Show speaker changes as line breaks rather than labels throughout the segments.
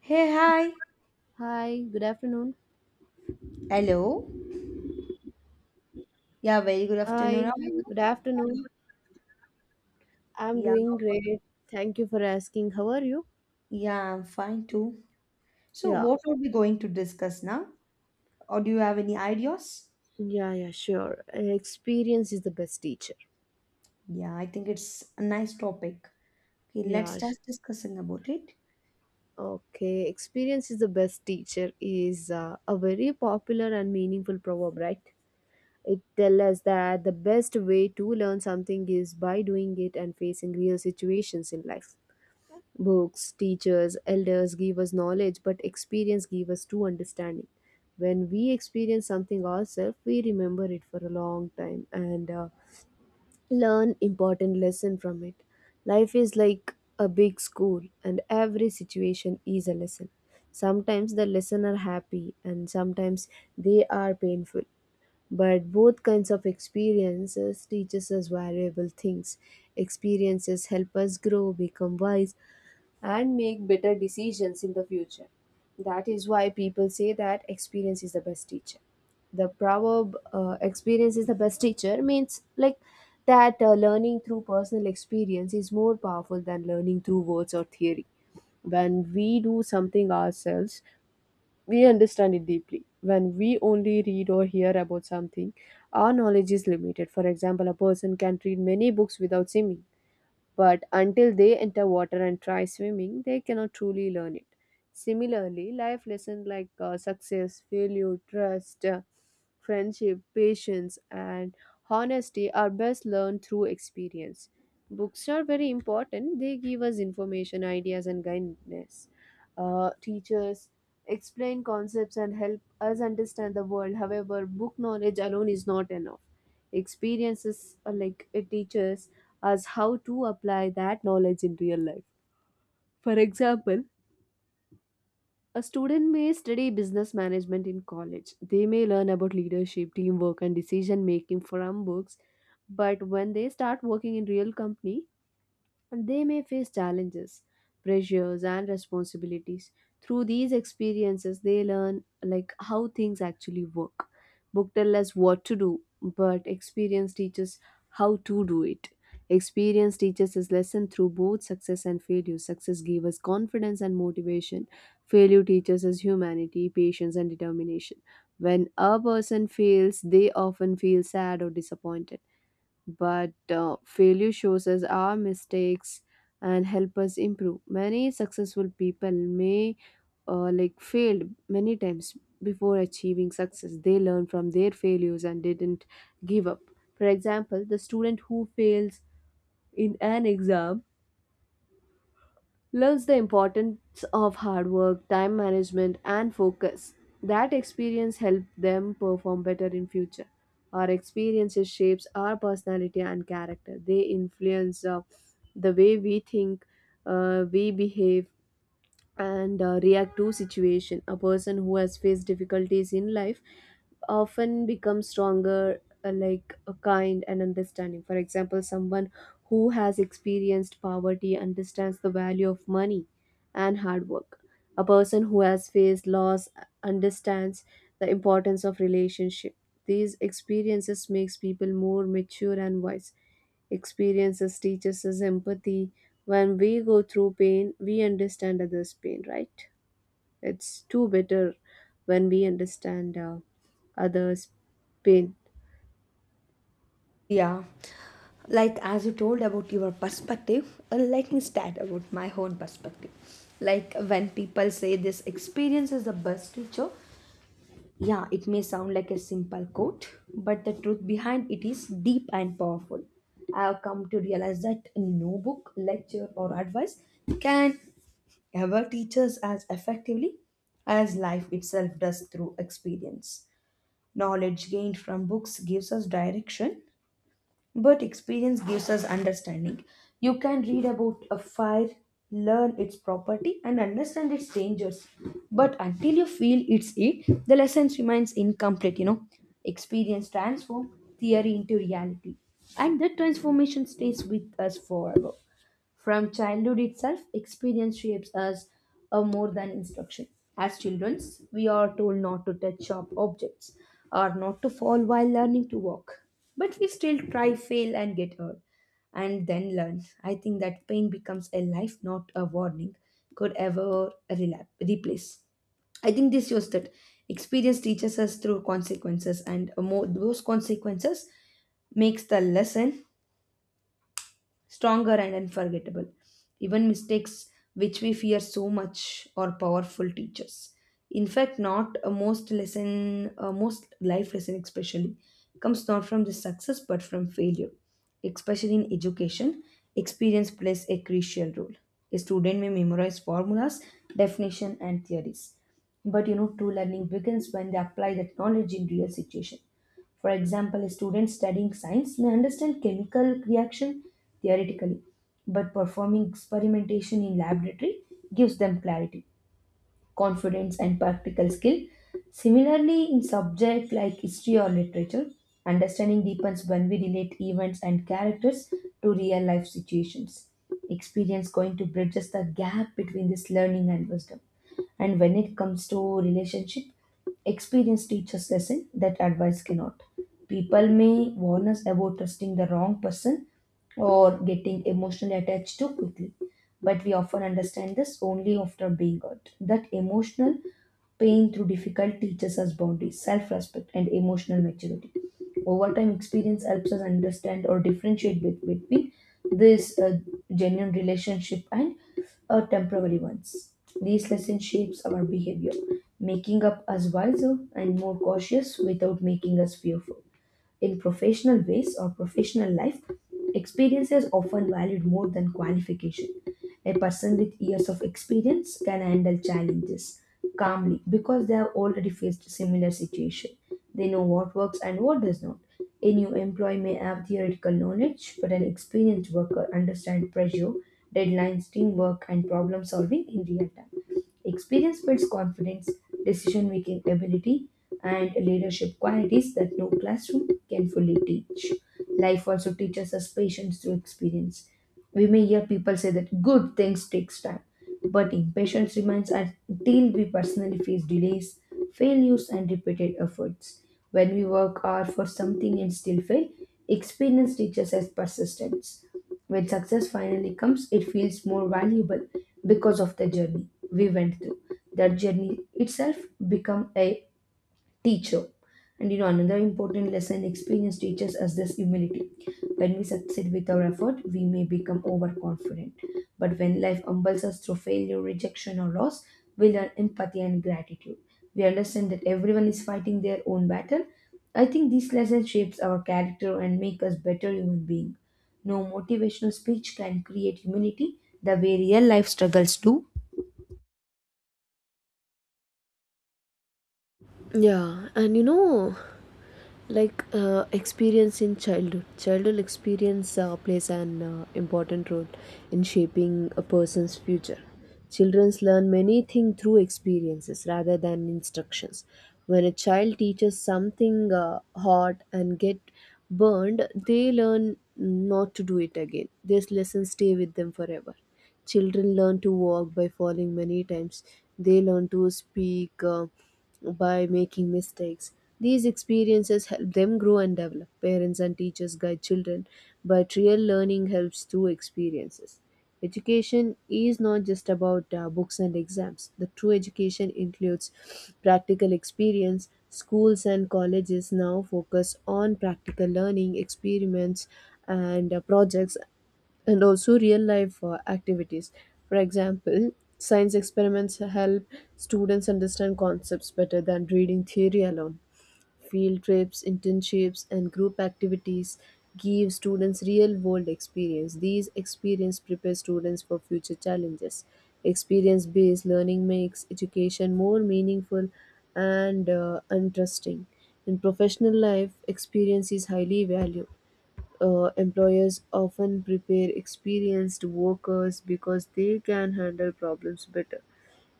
Hey, hi.
Hi, good afternoon.
Hello. Yeah, very good afternoon. How
Hi,
are you?
good afternoon. I'm
Yeah,
doing great. Thank you for asking. How are you?
yeah, I'm fine too. So,
Yeah,
what are we going to discuss now? Or do you have any ideas?
yeah, sure. Experience is the best teacher.
Yeah, I think it's a nice topic. Okay, let's
Yeah,
start
sh-
discussing about it.
Okay, experience is the best teacher is a very popular and meaningful proverb, right? It tells us that the best way to learn something is by doing it and facing real situations in life. Books, teachers, elders give us knowledge, but experience give us true understanding. When we experience something ourselves, we remember it for a long time and learn important lesson from it. Life is like a big school, and every situation is a lesson. Sometimes the lesson are happy, and sometimes they are painful. But both kinds of experiences teaches us valuable things. Experiences help us grow, become wise, and make better decisions in the future. That is why people say that experience is the best teacher. The proverb experience is the best teacher means like that learning through personal experience is more powerful than learning through words or theory. When we do something ourselves, we understand it deeply. When we only read or hear about something, our knowledge is limited. For example, a person can read many books without seeing, but until they enter water and try swimming, they cannot truly learn it. Similarly, life lessons like success, failure, trust, friendship, patience, and honesty are best learned through experience. Books are very important, they give us information, ideas, and guidance. Teachers explain concepts and help us understand the world. However, book knowledge alone is not enough. Experiences are like a teacher's as how to apply that knowledge in real life. For example, a student may study business management in college. They may learn about leadership, teamwork, and decision making from books. But when they start working in real company, and they may face challenges, pressures, and responsibilities. Through these experiences, they learn like how things actually work. Book tell us what to do, but experience teaches how to do it. Experience teaches us lesson through both success and failure. Success gave us confidence and motivation. Failure teaches us humanity, patience, and determination. When a person fails, they often feel sad or disappointed, but failure shows us our mistakes and help us improve. Many successful people may like failed many times before achieving success. They learn from their failures and didn't give up. For example, the student who fails in an exam learns the importance of hard work, time management, and focus. That experience helps them perform better in future. Our experiences shapes our personality and character. They influence the way we think, we behave, and react to situation. A person who has faced difficulties in life often becomes stronger, like kind and understanding. For example, someone who has experienced poverty understands the value of money and hard work. A person who has faced loss understands the importance of relationship. These experiences makes people more mature and wise. Experiences teaches us empathy. When we go through pain, we understand others' pain, right? It's too better when we understand others' pain.
Yeah, like as you told about your perspective, let me start about my own perspective. Like when people say this experience is the best teacher, yeah, it may sound like a simple quote, but the truth behind it is deep and powerful. I have come to realize that no book, lecture, or advice can ever teach us as effectively as life itself does through experience. Knowledge gained from books gives us direction, but experience gives us understanding. You can read about a fire, learn its property, and understand its dangers. But until you feel its heat, the lesson remains incomplete. Experience transforms theory into reality, and that transformation stays with us forever. From childhood itself, experience shapes us more than instruction. As children, we are told not to touch sharp objects or not to fall while learning to walk. But we still try, fail, and get hurt, and then learn. I think that pain becomes a life, not a warning, could ever replace. I think this shows that experience teaches us through consequences, and more those consequences makes the lesson stronger and unforgettable. Even mistakes which we fear so much are powerful teachers. In fact, not a most lesson, a most life lesson especially, comes not from the success but from failure. Especially in education, experience plays a crucial role. A student may memorize formulas, definition, and theories. But you know, true learning begins when they apply that knowledge in real situation. For example, a student studying science may understand chemical reaction theoretically, but performing experimentation in laboratory gives them clarity confidence, and practical skill. Similarly, in subjects like history or literature, understanding deepens when we relate events and characters to real life situations. Experience going to bridges the gap between this learning and wisdom. And when it comes to relationship, experience teaches lesson that advice cannot. People may warn us about trusting the wrong person or getting emotionally attached too quickly but we often understand this only after being hurt. That emotional pain through difficult teaches us boundaries, self respect, and emotional maturity. Over time, experience helps us understand or differentiate between this genuine relationship and temporary ones. These lessons shapes our behavior, making up us wiser and more cautious without making us fearful. In professional ways or professional life, experience is often valued more than qualification. A person with years of experience can handle challenges calmly because they have already faced similar situation. They know what works and what does not. A new employee may have theoretical knowledge, but an experienced worker understands pressure, deadlines, teamwork, and problem solving in real time. Experience builds confidence, decision making ability, and leadership qualities that no classroom can fully teach. Life also teaches us patience through experience. We may hear people say that good things takes time, but impatience remains until we personally face delays, failures, and repeated efforts. When we work hard for something and still fail, experience teaches us persistence. When success finally comes, it feels more valuable because of the journey we went through. That journey itself become a teacher. And you know, another important lesson experience teaches us this humility. When we succeed with our effort, we may become overconfident. But when life humbles us through failure, rejection, or loss, we learn empathy and gratitude. We understand that everyone is fighting their own battle. I think these lessons shapes our character and make us better human being. No motivational speech can create humility the way real life struggles do.
Yeah, and you know, like experience in childhood experience plays an important role in shaping a person's future. Children learn many things through experiences rather than instructions. When a child teaches something hot and get burned, they learn not to do it again. These lessons stay with them forever. Children learn to walk by falling many times. They learn to speak by making mistakes. These experiences help them grow and develop. Parents and teachers guide children, but real learning helps through experiences. Education is not just about books and exams. The true education includes practical experience. Schools and colleges now focus on practical learning, experiments, and projects, and also real life activities. For example, science experiments help students understand concepts better than reading theory alone. Field trips, internships, and group activities give students real world experience. These experience prepare students for future challenges. Experience based learning makes education more meaningful and interesting. In professional life, experience is highly valued. Employers often prepare experienced workers because they can handle problems better.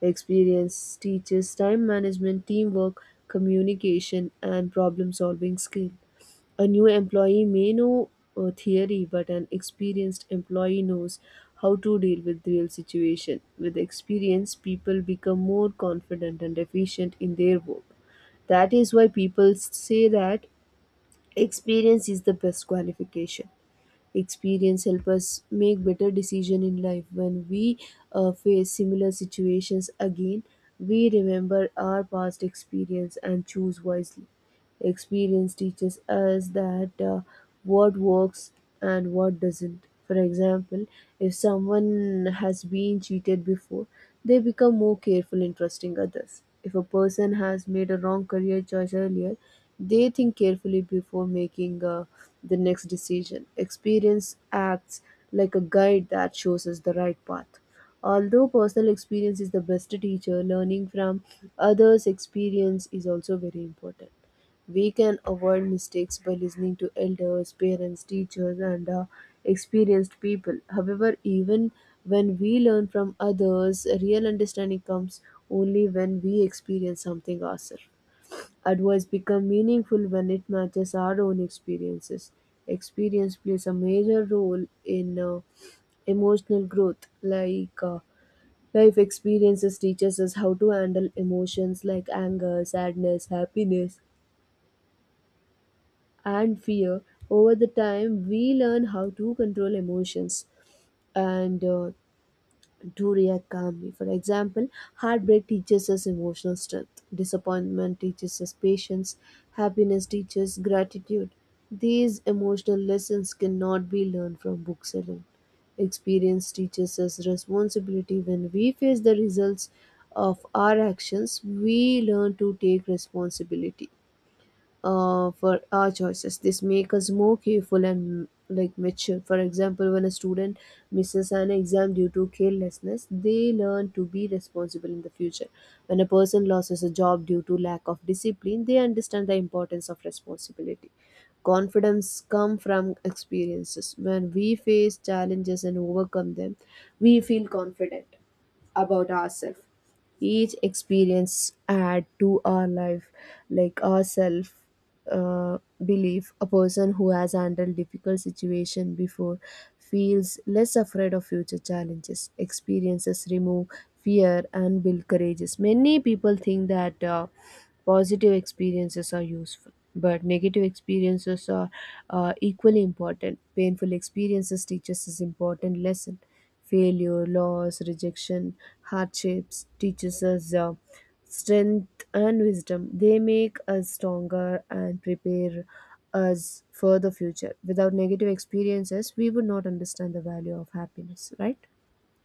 Experience teaches time management, teamwork, communication, and problem solving skill. A new employee may know theory, but an experienced employee knows how to deal with real situation. With experience, people become more confident and efficient in their work. That is why people say that experience is the best qualification. Experience help us make better decision in life. When we face similar situations again, we remember our past experience and choose wisely. Experience teaches us that what works and what doesn't. For example, if someone has been cheated before, they become more careful in trusting others. If a person has made a wrong career choice earlier, they think carefully before making the next decision. Experience acts like a guide that shows us the right path. Although personal experience is the best teacher, learning from others' experience is also very important. We can avoid mistakes by listening to elders, parents, teachers, and experienced people. However, even when we learn from others, real understanding comes only when we experience something ourselves. Advice becomes meaningful when it matches our own experiences. Experience plays a major role in emotional growth, like life experiences teaches us how to handle emotions like anger, sadness, happiness, and fear. Over the time, we learn how to control emotions and to react calmly. For example, heartbreak teaches us emotional strength, disappointment teaches us patience, happiness teaches gratitude. These emotional lessons cannot be learned from books alone. Experience teaches us responsibility. When we face the results of our actions, we learn to take responsibility, for our choices. This makes us more careful and like mature. For example, when a student misses an exam due to carelessness, they learn to be responsible in the future. When a person loses a job due to lack of discipline, they understand the importance of responsibility. Confidence come from experiences. When we face challenges and overcome them, we feel confident about ourselves. Each experience add to our life, like our self belief. A person who has handled difficult situation before feels less afraid of future challenges. Experiences remove fear and build courageous. Many people think that positive experiences are useful, but negative experiences are equally important. Painful experiences teach us is important lesson. Failure, loss, rejection, hardships teaches us strength and wisdom. They make us stronger and prepare us for the future. Without negative experiences, we would not understand the value of happiness, right?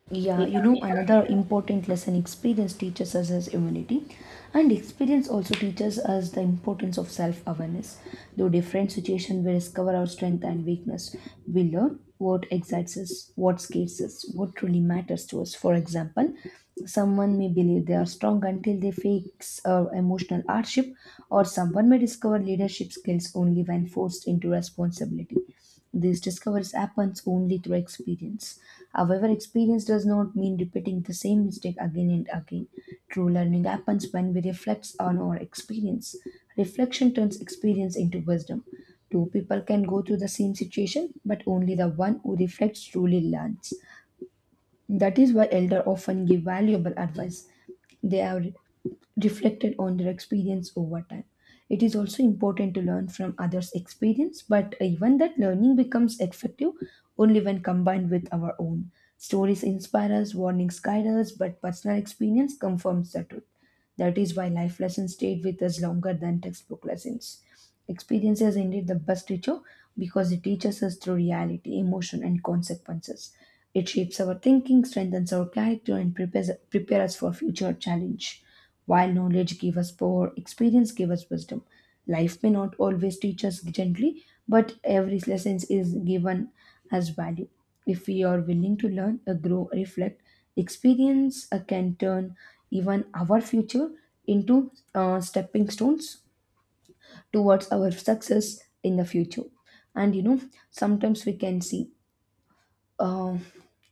Yeah, you know, another important lesson experience teaches us is humility. And experience also teaches us the importance of self awareness. Through different situations, we discover our strength and weakness. We learn what excites us, what scares us, what truly matters to us. For example, someone may believe they are strong until they face emotional hardship, or someone may discover leadership skills only when forced into responsibility. These discoveries happens only through experience. However, experience does not mean repeating the same mistake again and again. True learning happens when we reflect on our experience. Reflection turns experience into wisdom. Two people can go through the same situation, but only the one who reflects truly learns. That is why elders often give valuable advice. They have reflected on their experience over time. It is also important to learn from others' experience, but even that learning becomes effective only when combined with our own. Stories inspire us, warnings guide us, but personal experience confirms the truth. That is why life lessons stayed with us longer than textbook lessons. Experience is indeed the best teacher because it teaches us through reality, emotion, and consequences. It shapes our thinking, strengthens our character, and prepare us for future challenge. While knowledge gives us power, experience gives us wisdom. Life may not always teach us gently, but every lesson is given as value. If we are willing to learn, grow, reflect, experience can turn even our future into stepping stones towards our success in the future. And you know, sometimes we can see um,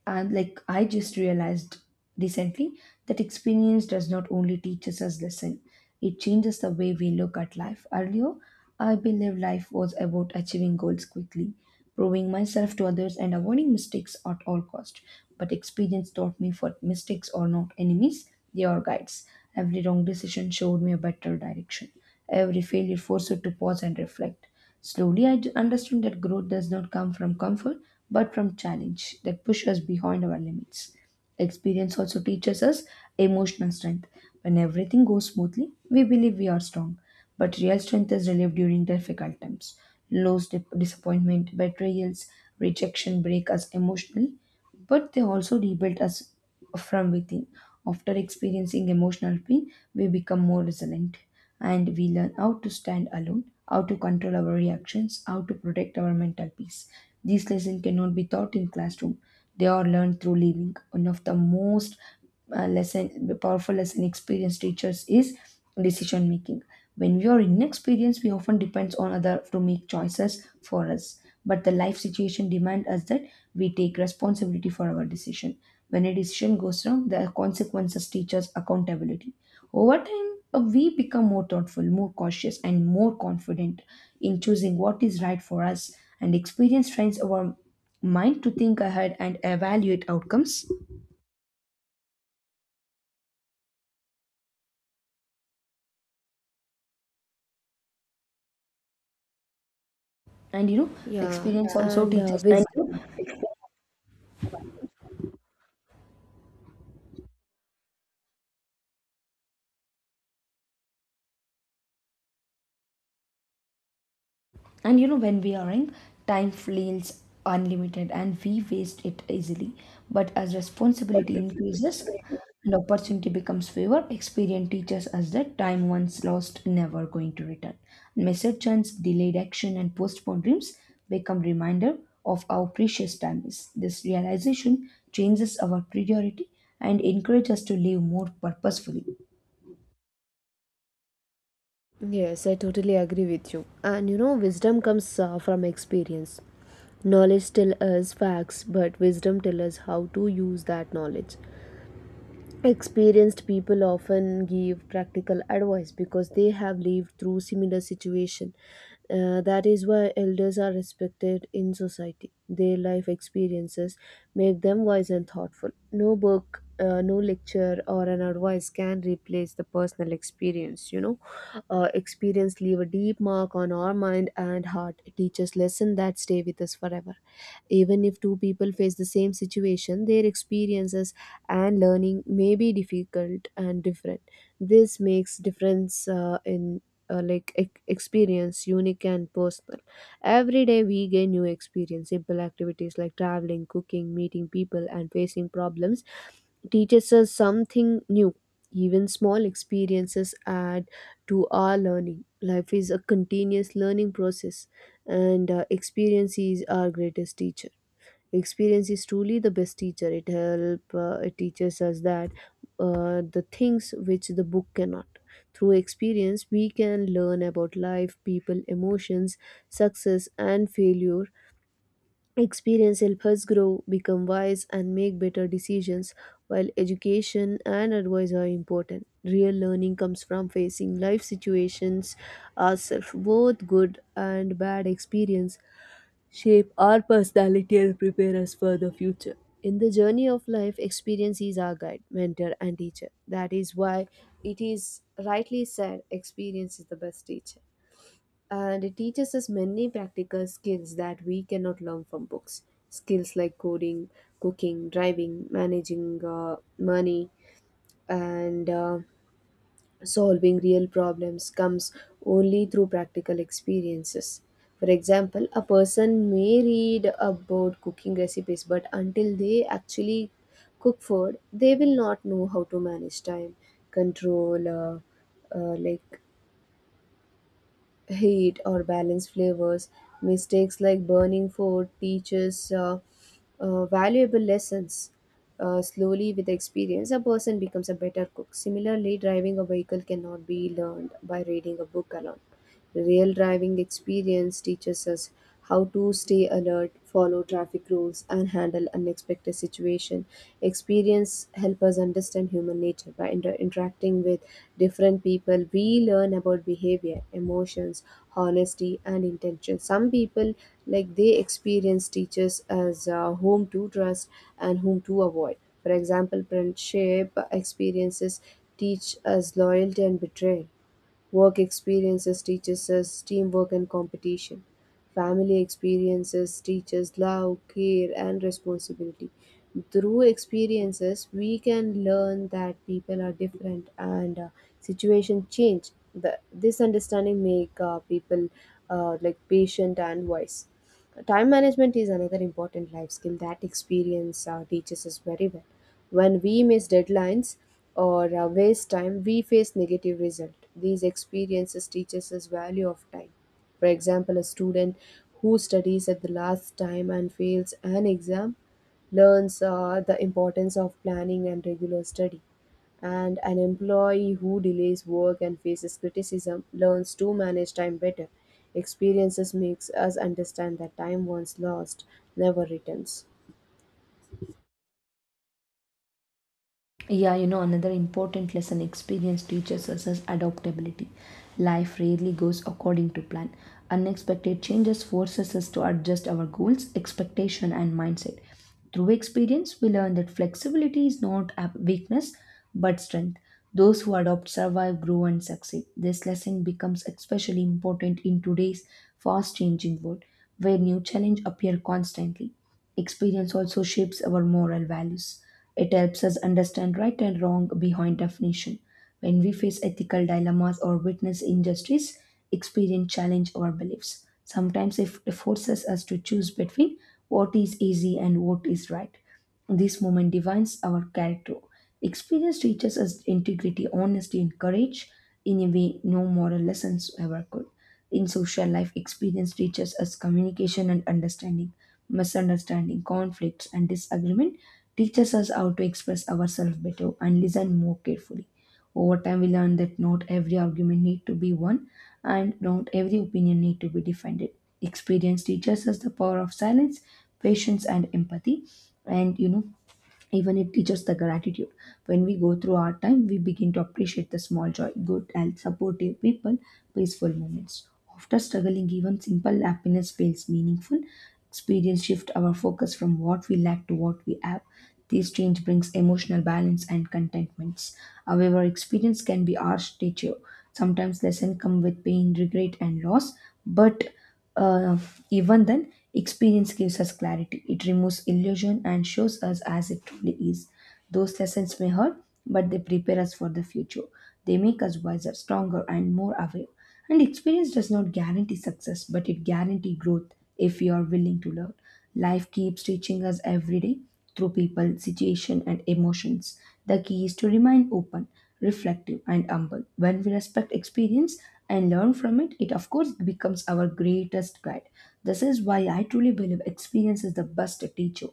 and like I just realized recently that experience does not only teach us as lesson, it changes the way we look at life. Earlier, I believe life was about achieving goals quickly, proving myself to others, and avoiding mistakes at all cost. But experience taught me for mistakes are not enemies; they are guides. Every wrong decision showed me a better direction. Every failure forced me to pause and reflect. Slowly, understood that growth does not come from comfort, but from challenge that push us behind our limits. Experience also teaches us emotional strength. When everything goes smoothly, we believe we are strong, but real strength is relieved during difficult times. Lows, disappointment, betrayals, rejection break us emotionally, but they also rebuild us from within. After experiencing emotional pain, we become more resilient and we learn how to stand alone, how to control our reactions, how to protect our mental peace. These lessons cannot be taught in classroom. They are learned through living. One of the most lesson powerful lesson experience teachers is decision making. When we are inexperienced, we often depends on other to make choices for us, but the life situation demand us that we take responsibility for our decision. When a decision goes wrong, the consequences teach us accountability. Over time, we become more thoughtful, more cautious, and more confident in choosing what is right for us, and experience trains our mind to think ahead and evaluate outcomes. And you know,
Yeah,
experience. Yeah. Also
and
teaches
and
the value.
wisdom.
And you know, when we are young, time feels unlimited and we waste it easily, but as responsibility increases and opportunity becomes favor, experience teaches us that time once lost never going to return. Missed chance, delayed action, and postponed dreams become reminder of how precious time is. This realization changes our priority and encourages us to live more purposefully.
Yes, I totally agree with you. And you know, wisdom comes from experience. Knowledge tells us facts, but wisdom tells us how to use that knowledge. Experienced people often give practical advice because they have lived through similar situation. That is why elders are respected in society. Their life experiences make them wise and thoughtful. No book, no lecture or an advice can replace the personal experience, you know. Experience leave a deep mark on our mind and heart. It teaches lesson that stay with us forever. Even if two people face the same situation, their experiences and learning may be difficult and different. This makes difference in like experience unique and personal. Every day we gain new experience. Simple activities like traveling, cooking, meeting people, and facing problems teaches us something new. Even small experiences add to our learning. Life is a continuous learning process, and experience is our greatest teacher. Experience is truly the best teacher. It help it teaches us that the things which the book cannot. Through experience we can learn about life, people, emotions, success, and failure. Experience helps us grow, become wise, and make better decisions. While education and advice are important, real learning comes from facing life situations ourselves. Both good and bad experience shape our personality and prepare us for the future. In the journey of life, experience is our guide, mentor, and teacher. That is why it is rightly said experience is the best teacher. And it teaches us many practical skills that we cannot learn from books. Skills like coding, cooking, driving, managing money, and solving real problems comes only through practical experiences. For example, a person may read about cooking recipes, but until they actually cook food, they will not know how to manage time, control, like heat or balance flavors. Mistakes like burning food teaches valuable lessons. Slowly, with experience, a person becomes a better cook. Similarly, driving a vehicle cannot be learned by reading a book alone. Real driving experience teaches us how to stay alert, follow traffic rules, and handle unexpected situation. Experience help us understand human nature by interacting with different people, we learn about behavior, emotions, honesty, and intention. Some people, like they experience teachers as whom to trust and whom to avoid. For example, friendship experiences teach us loyalty and betrayal. Work experiences teaches us teamwork and competition. Family experiences teaches love, care, and responsibility. Through experiences, we can learn that people are different and situation change. This understanding make people like patient and wise. Time management is another important life skill that experience teaches us very well. When we miss deadlines or waste time, we face negative result. These experiences teaches us value of time. For example, a student who studies at the last time and fails an exam learns the importance of planning and regular study. And an employee who delays work and faces criticism learns to manage time better. Experiences makes us understand that time once lost never returns.
Yeah, you know, another important lesson experience teaches us is adaptability. Life rarely goes according to plan. Unexpected changes forces us to adjust our goals, expectation, and mindset. Through experience, we learn that flexibility is not a weakness but strength. Those who adopt survive, grow, and succeed. This lesson becomes especially important in today's fast changing world where new challenges appear constantly. Experience also shapes our moral values. It helps us understand right and wrong behind definition. When we face ethical dilemmas or witness injustice, experience challenge our beliefs. Sometimes it forces us to choose between what is easy and what is right. This moment defines our character. Experience teaches us integrity, honesty, and courage in a way no moral lessons ever could. In social life, experience teaches us communication and understanding misunderstanding, conflicts, and disagreement teaches us how to express ourselves better and listen more carefully. Over time, we learn that not every argument need to be won and not every opinion need to be defended. Experience teaches us the power of silence, patience, and empathy. And you know, even it teaches the gratitude. When we go through our time, we begin to appreciate the small joy, good health, supportive people, peaceful moments. After struggling, even simple happiness feels meaningful. Experience shift our focus from what we lack to what we have. This change brings emotional balance and contentments. However, experience can be harsh teacher. Sometimes lessons come with pain, regret, and loss, but uh, even then, experience gives us clarity. It removes illusion and shows us as it truly is. Those lessons may hurt, but they prepare us for the future. They make us wiser, stronger, and more aware. And experience does not guarantee success, but it guarantees growth if we are willing to learn. Life keeps teaching us every day through people, situation, and emotions. The key is to remain open, reflective, and humble. When we respect experience and learn from it, it of course becomes our greatest guide. This is why I truly believe experience is the best teacher.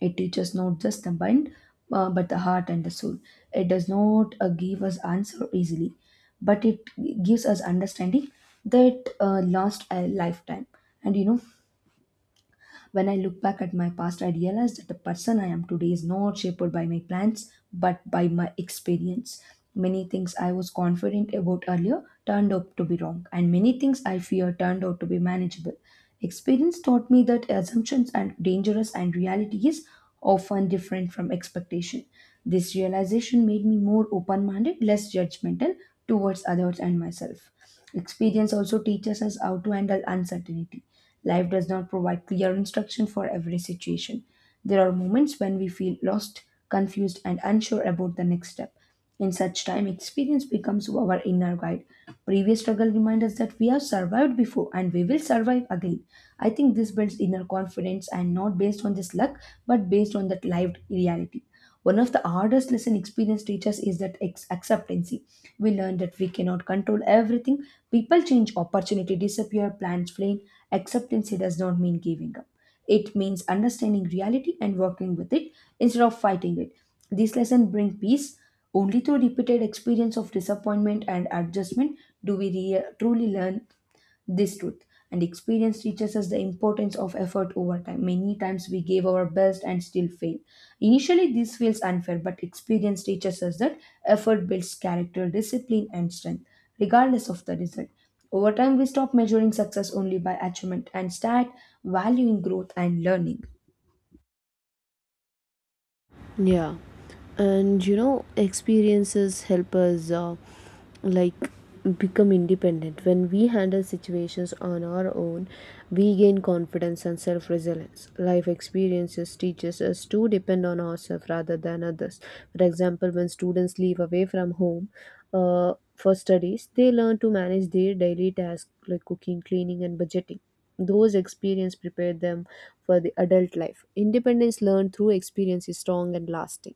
It teaches not just the mind, but the heart and the soul. It does not give us answer easily, but it gives us understanding that last a lifetime. And you know, when I look back at my past, I realize that the person I am today is not shaped by my plans but by my experience. Many things I was confident about earlier turned out to be wrong, and many things I fear turned out to be manageable. Experience taught me that assumptions are dangerous and reality is often different from expectation. This realization made me more open minded, less judgmental towards others and myself. Experience also teaches us how to handle uncertainty. Life does not provide clear instruction for every situation. There are moments when we feel lost, confused, and unsure about the next step. In such time, experience becomes our inner guide. Previous struggle reminds us that we have survived before and we will survive again. I think this builds inner confidence and not based on just luck but based on that lived reality. One of the hardest lesson experience teaches is that acceptance. We learn that we cannot control everything. People change, opportunity disappear, plans fail. Acceptance it does not mean giving up. It means understanding reality and working with it instead of fighting it. This lesson brings peace. Only through repeated experience of disappointment and adjustment do we truly learn this truth, and experience teaches us the importance of effort over time. Many times we gave our best and still fail. Initially, this feels unfair, but experience teaches us that effort builds character, discipline, and strength, regardless of the result. Over time, we stop measuring success only by achievement and start valuing growth and learning.
Yeah, and you know, experiences help us like become independent. When we handle situations on our own, we gain confidence and self resilience. Life experiences teaches us to depend on ourselves rather than others. For example, when students leave away from home, for studies, they learn to manage their daily tasks like cooking, cleaning, and budgeting. Those experiences prepared them for the adult life. Independence learned through experience is strong and lasting.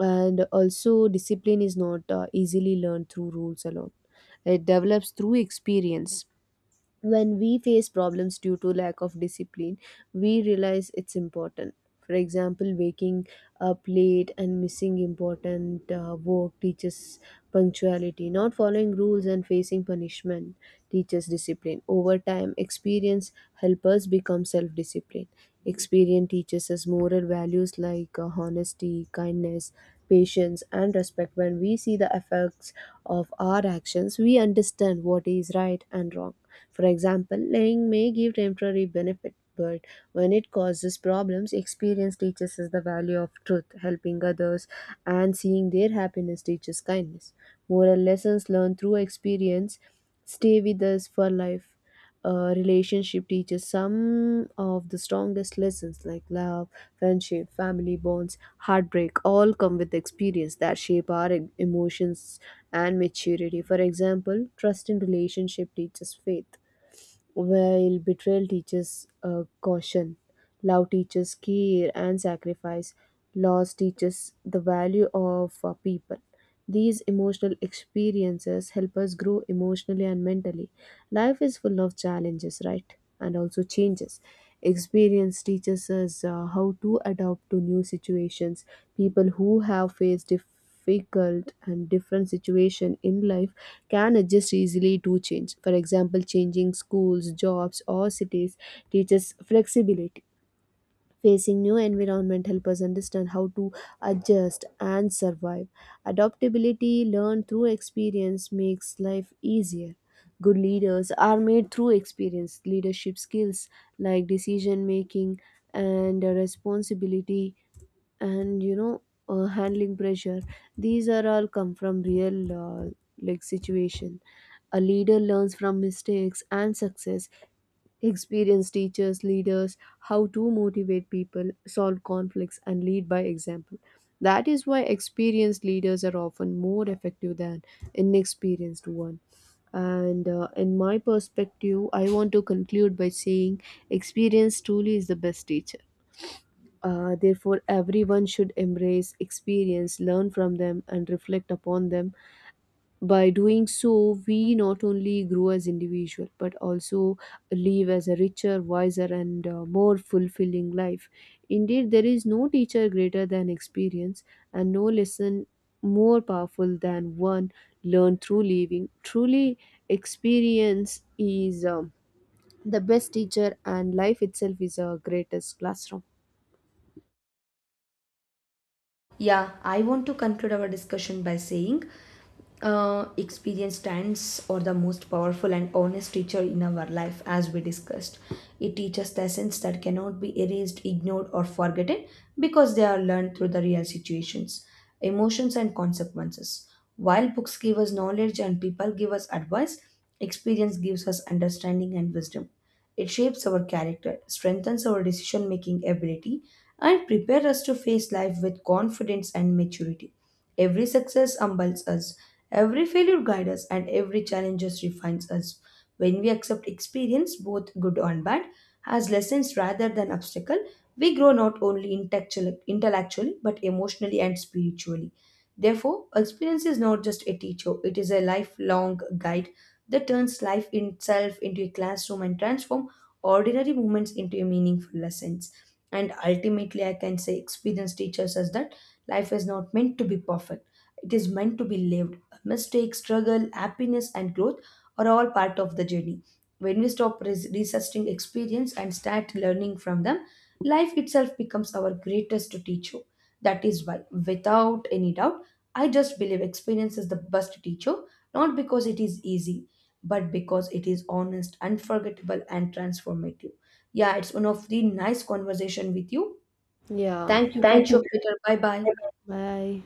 And also, discipline is not easily learned through rules alone. It develops through experience when we face problems due to lack of discipline, we realize it's important. For example, waking up late and missing important work teaches punctuality. Not following rules and facing punishment teaches discipline. Over time, experience helps us become self-disciplined. Experience teaches us moral values like honesty, kindness, patience, and respect. When we see the effects of our actions, we understand what is right and wrong. For example, lying may give temporary benefit, but when it causes problems, experience teaches us the value of truth. Helping others and seeing their happiness teaches kindness. Moral lessons learned through experience stay with us for life. A relationship teaches some of the strongest lessons like love, friendship, family bonds, heartbreak all come with experience that shape our emotions and maturity. For example, trust in relationship teaches faith, while betrayal teaches caution, love teaches care and sacrifice, loss teaches the value of people. These emotional experiences help us grow emotionally and mentally. Life is full of challenges, right? And also changes. Experience teaches us how to adapt to new situations. People who have faced difficult and different situation in life can adjust easily to change. For example, changing schools, jobs, or cities teaches flexibility. Facing new environment help us understand how to adjust and survive. Adaptability learned through experience makes life easier. Good leaders are made through experience. Leadership skills like decision making and responsibility and you know handling pressure, these are all come from real like situation. A leader learns from mistakes and success. Experienced teachers, leaders, how to motivate people, solve conflicts, and lead by example. That is why experienced leaders are often more effective than inexperienced one. And in my perspective, I want to conclude by saying experience truly is the best teacher. Therefore, everyone should embrace experience, learn from them, and reflect upon them. By doing so, we not only grow as individual but also live as a richer, wiser, and more fulfilling life. Indeed, there is no teacher greater than experience, and no lesson more powerful than one learned through living. Truly, experience is the best teacher, and life itself is our greatest classroom.
Yeah, I want to conclude our discussion by saying experience stands or the most powerful and honest teacher in our life. As we discussed, it teaches lessons that cannot be erased, ignored, or forgotten, because they are learned through the real situations, emotions, and consequences. While books give us knowledge and people give us advice, experience gives us understanding and wisdom. It shapes our character, strengthens our decision making ability, and prepares us to face life with confidence and maturity. Every success humbles us, every failure guides us, and every challenge just refines us. When we accept experience, both good and bad, as lessons rather than obstacle, we grow not only intellectually but emotionally and spiritually. Therefore, experience is not just a teacher, it is a lifelong guide that turns life itself into a classroom and transforms ordinary moments into a meaningful lessons. And ultimately, I can say experience teaches us that life is not meant to be perfect, it is meant to be lived. Mistakes, struggle, happiness, and growth are all part of the journey. When we stop resisting experience and start learning from them, life itself becomes our greatest teacher. That is why, without any doubt, I just believe experience is the best teacher, not because it is easy, but because it is honest, unforgettable, and transformative. Yeah, it's one of the nice conversation with you.
Yeah.
Thank you.
Thank
Catch you
you.
up later. Bye bye.
Bye.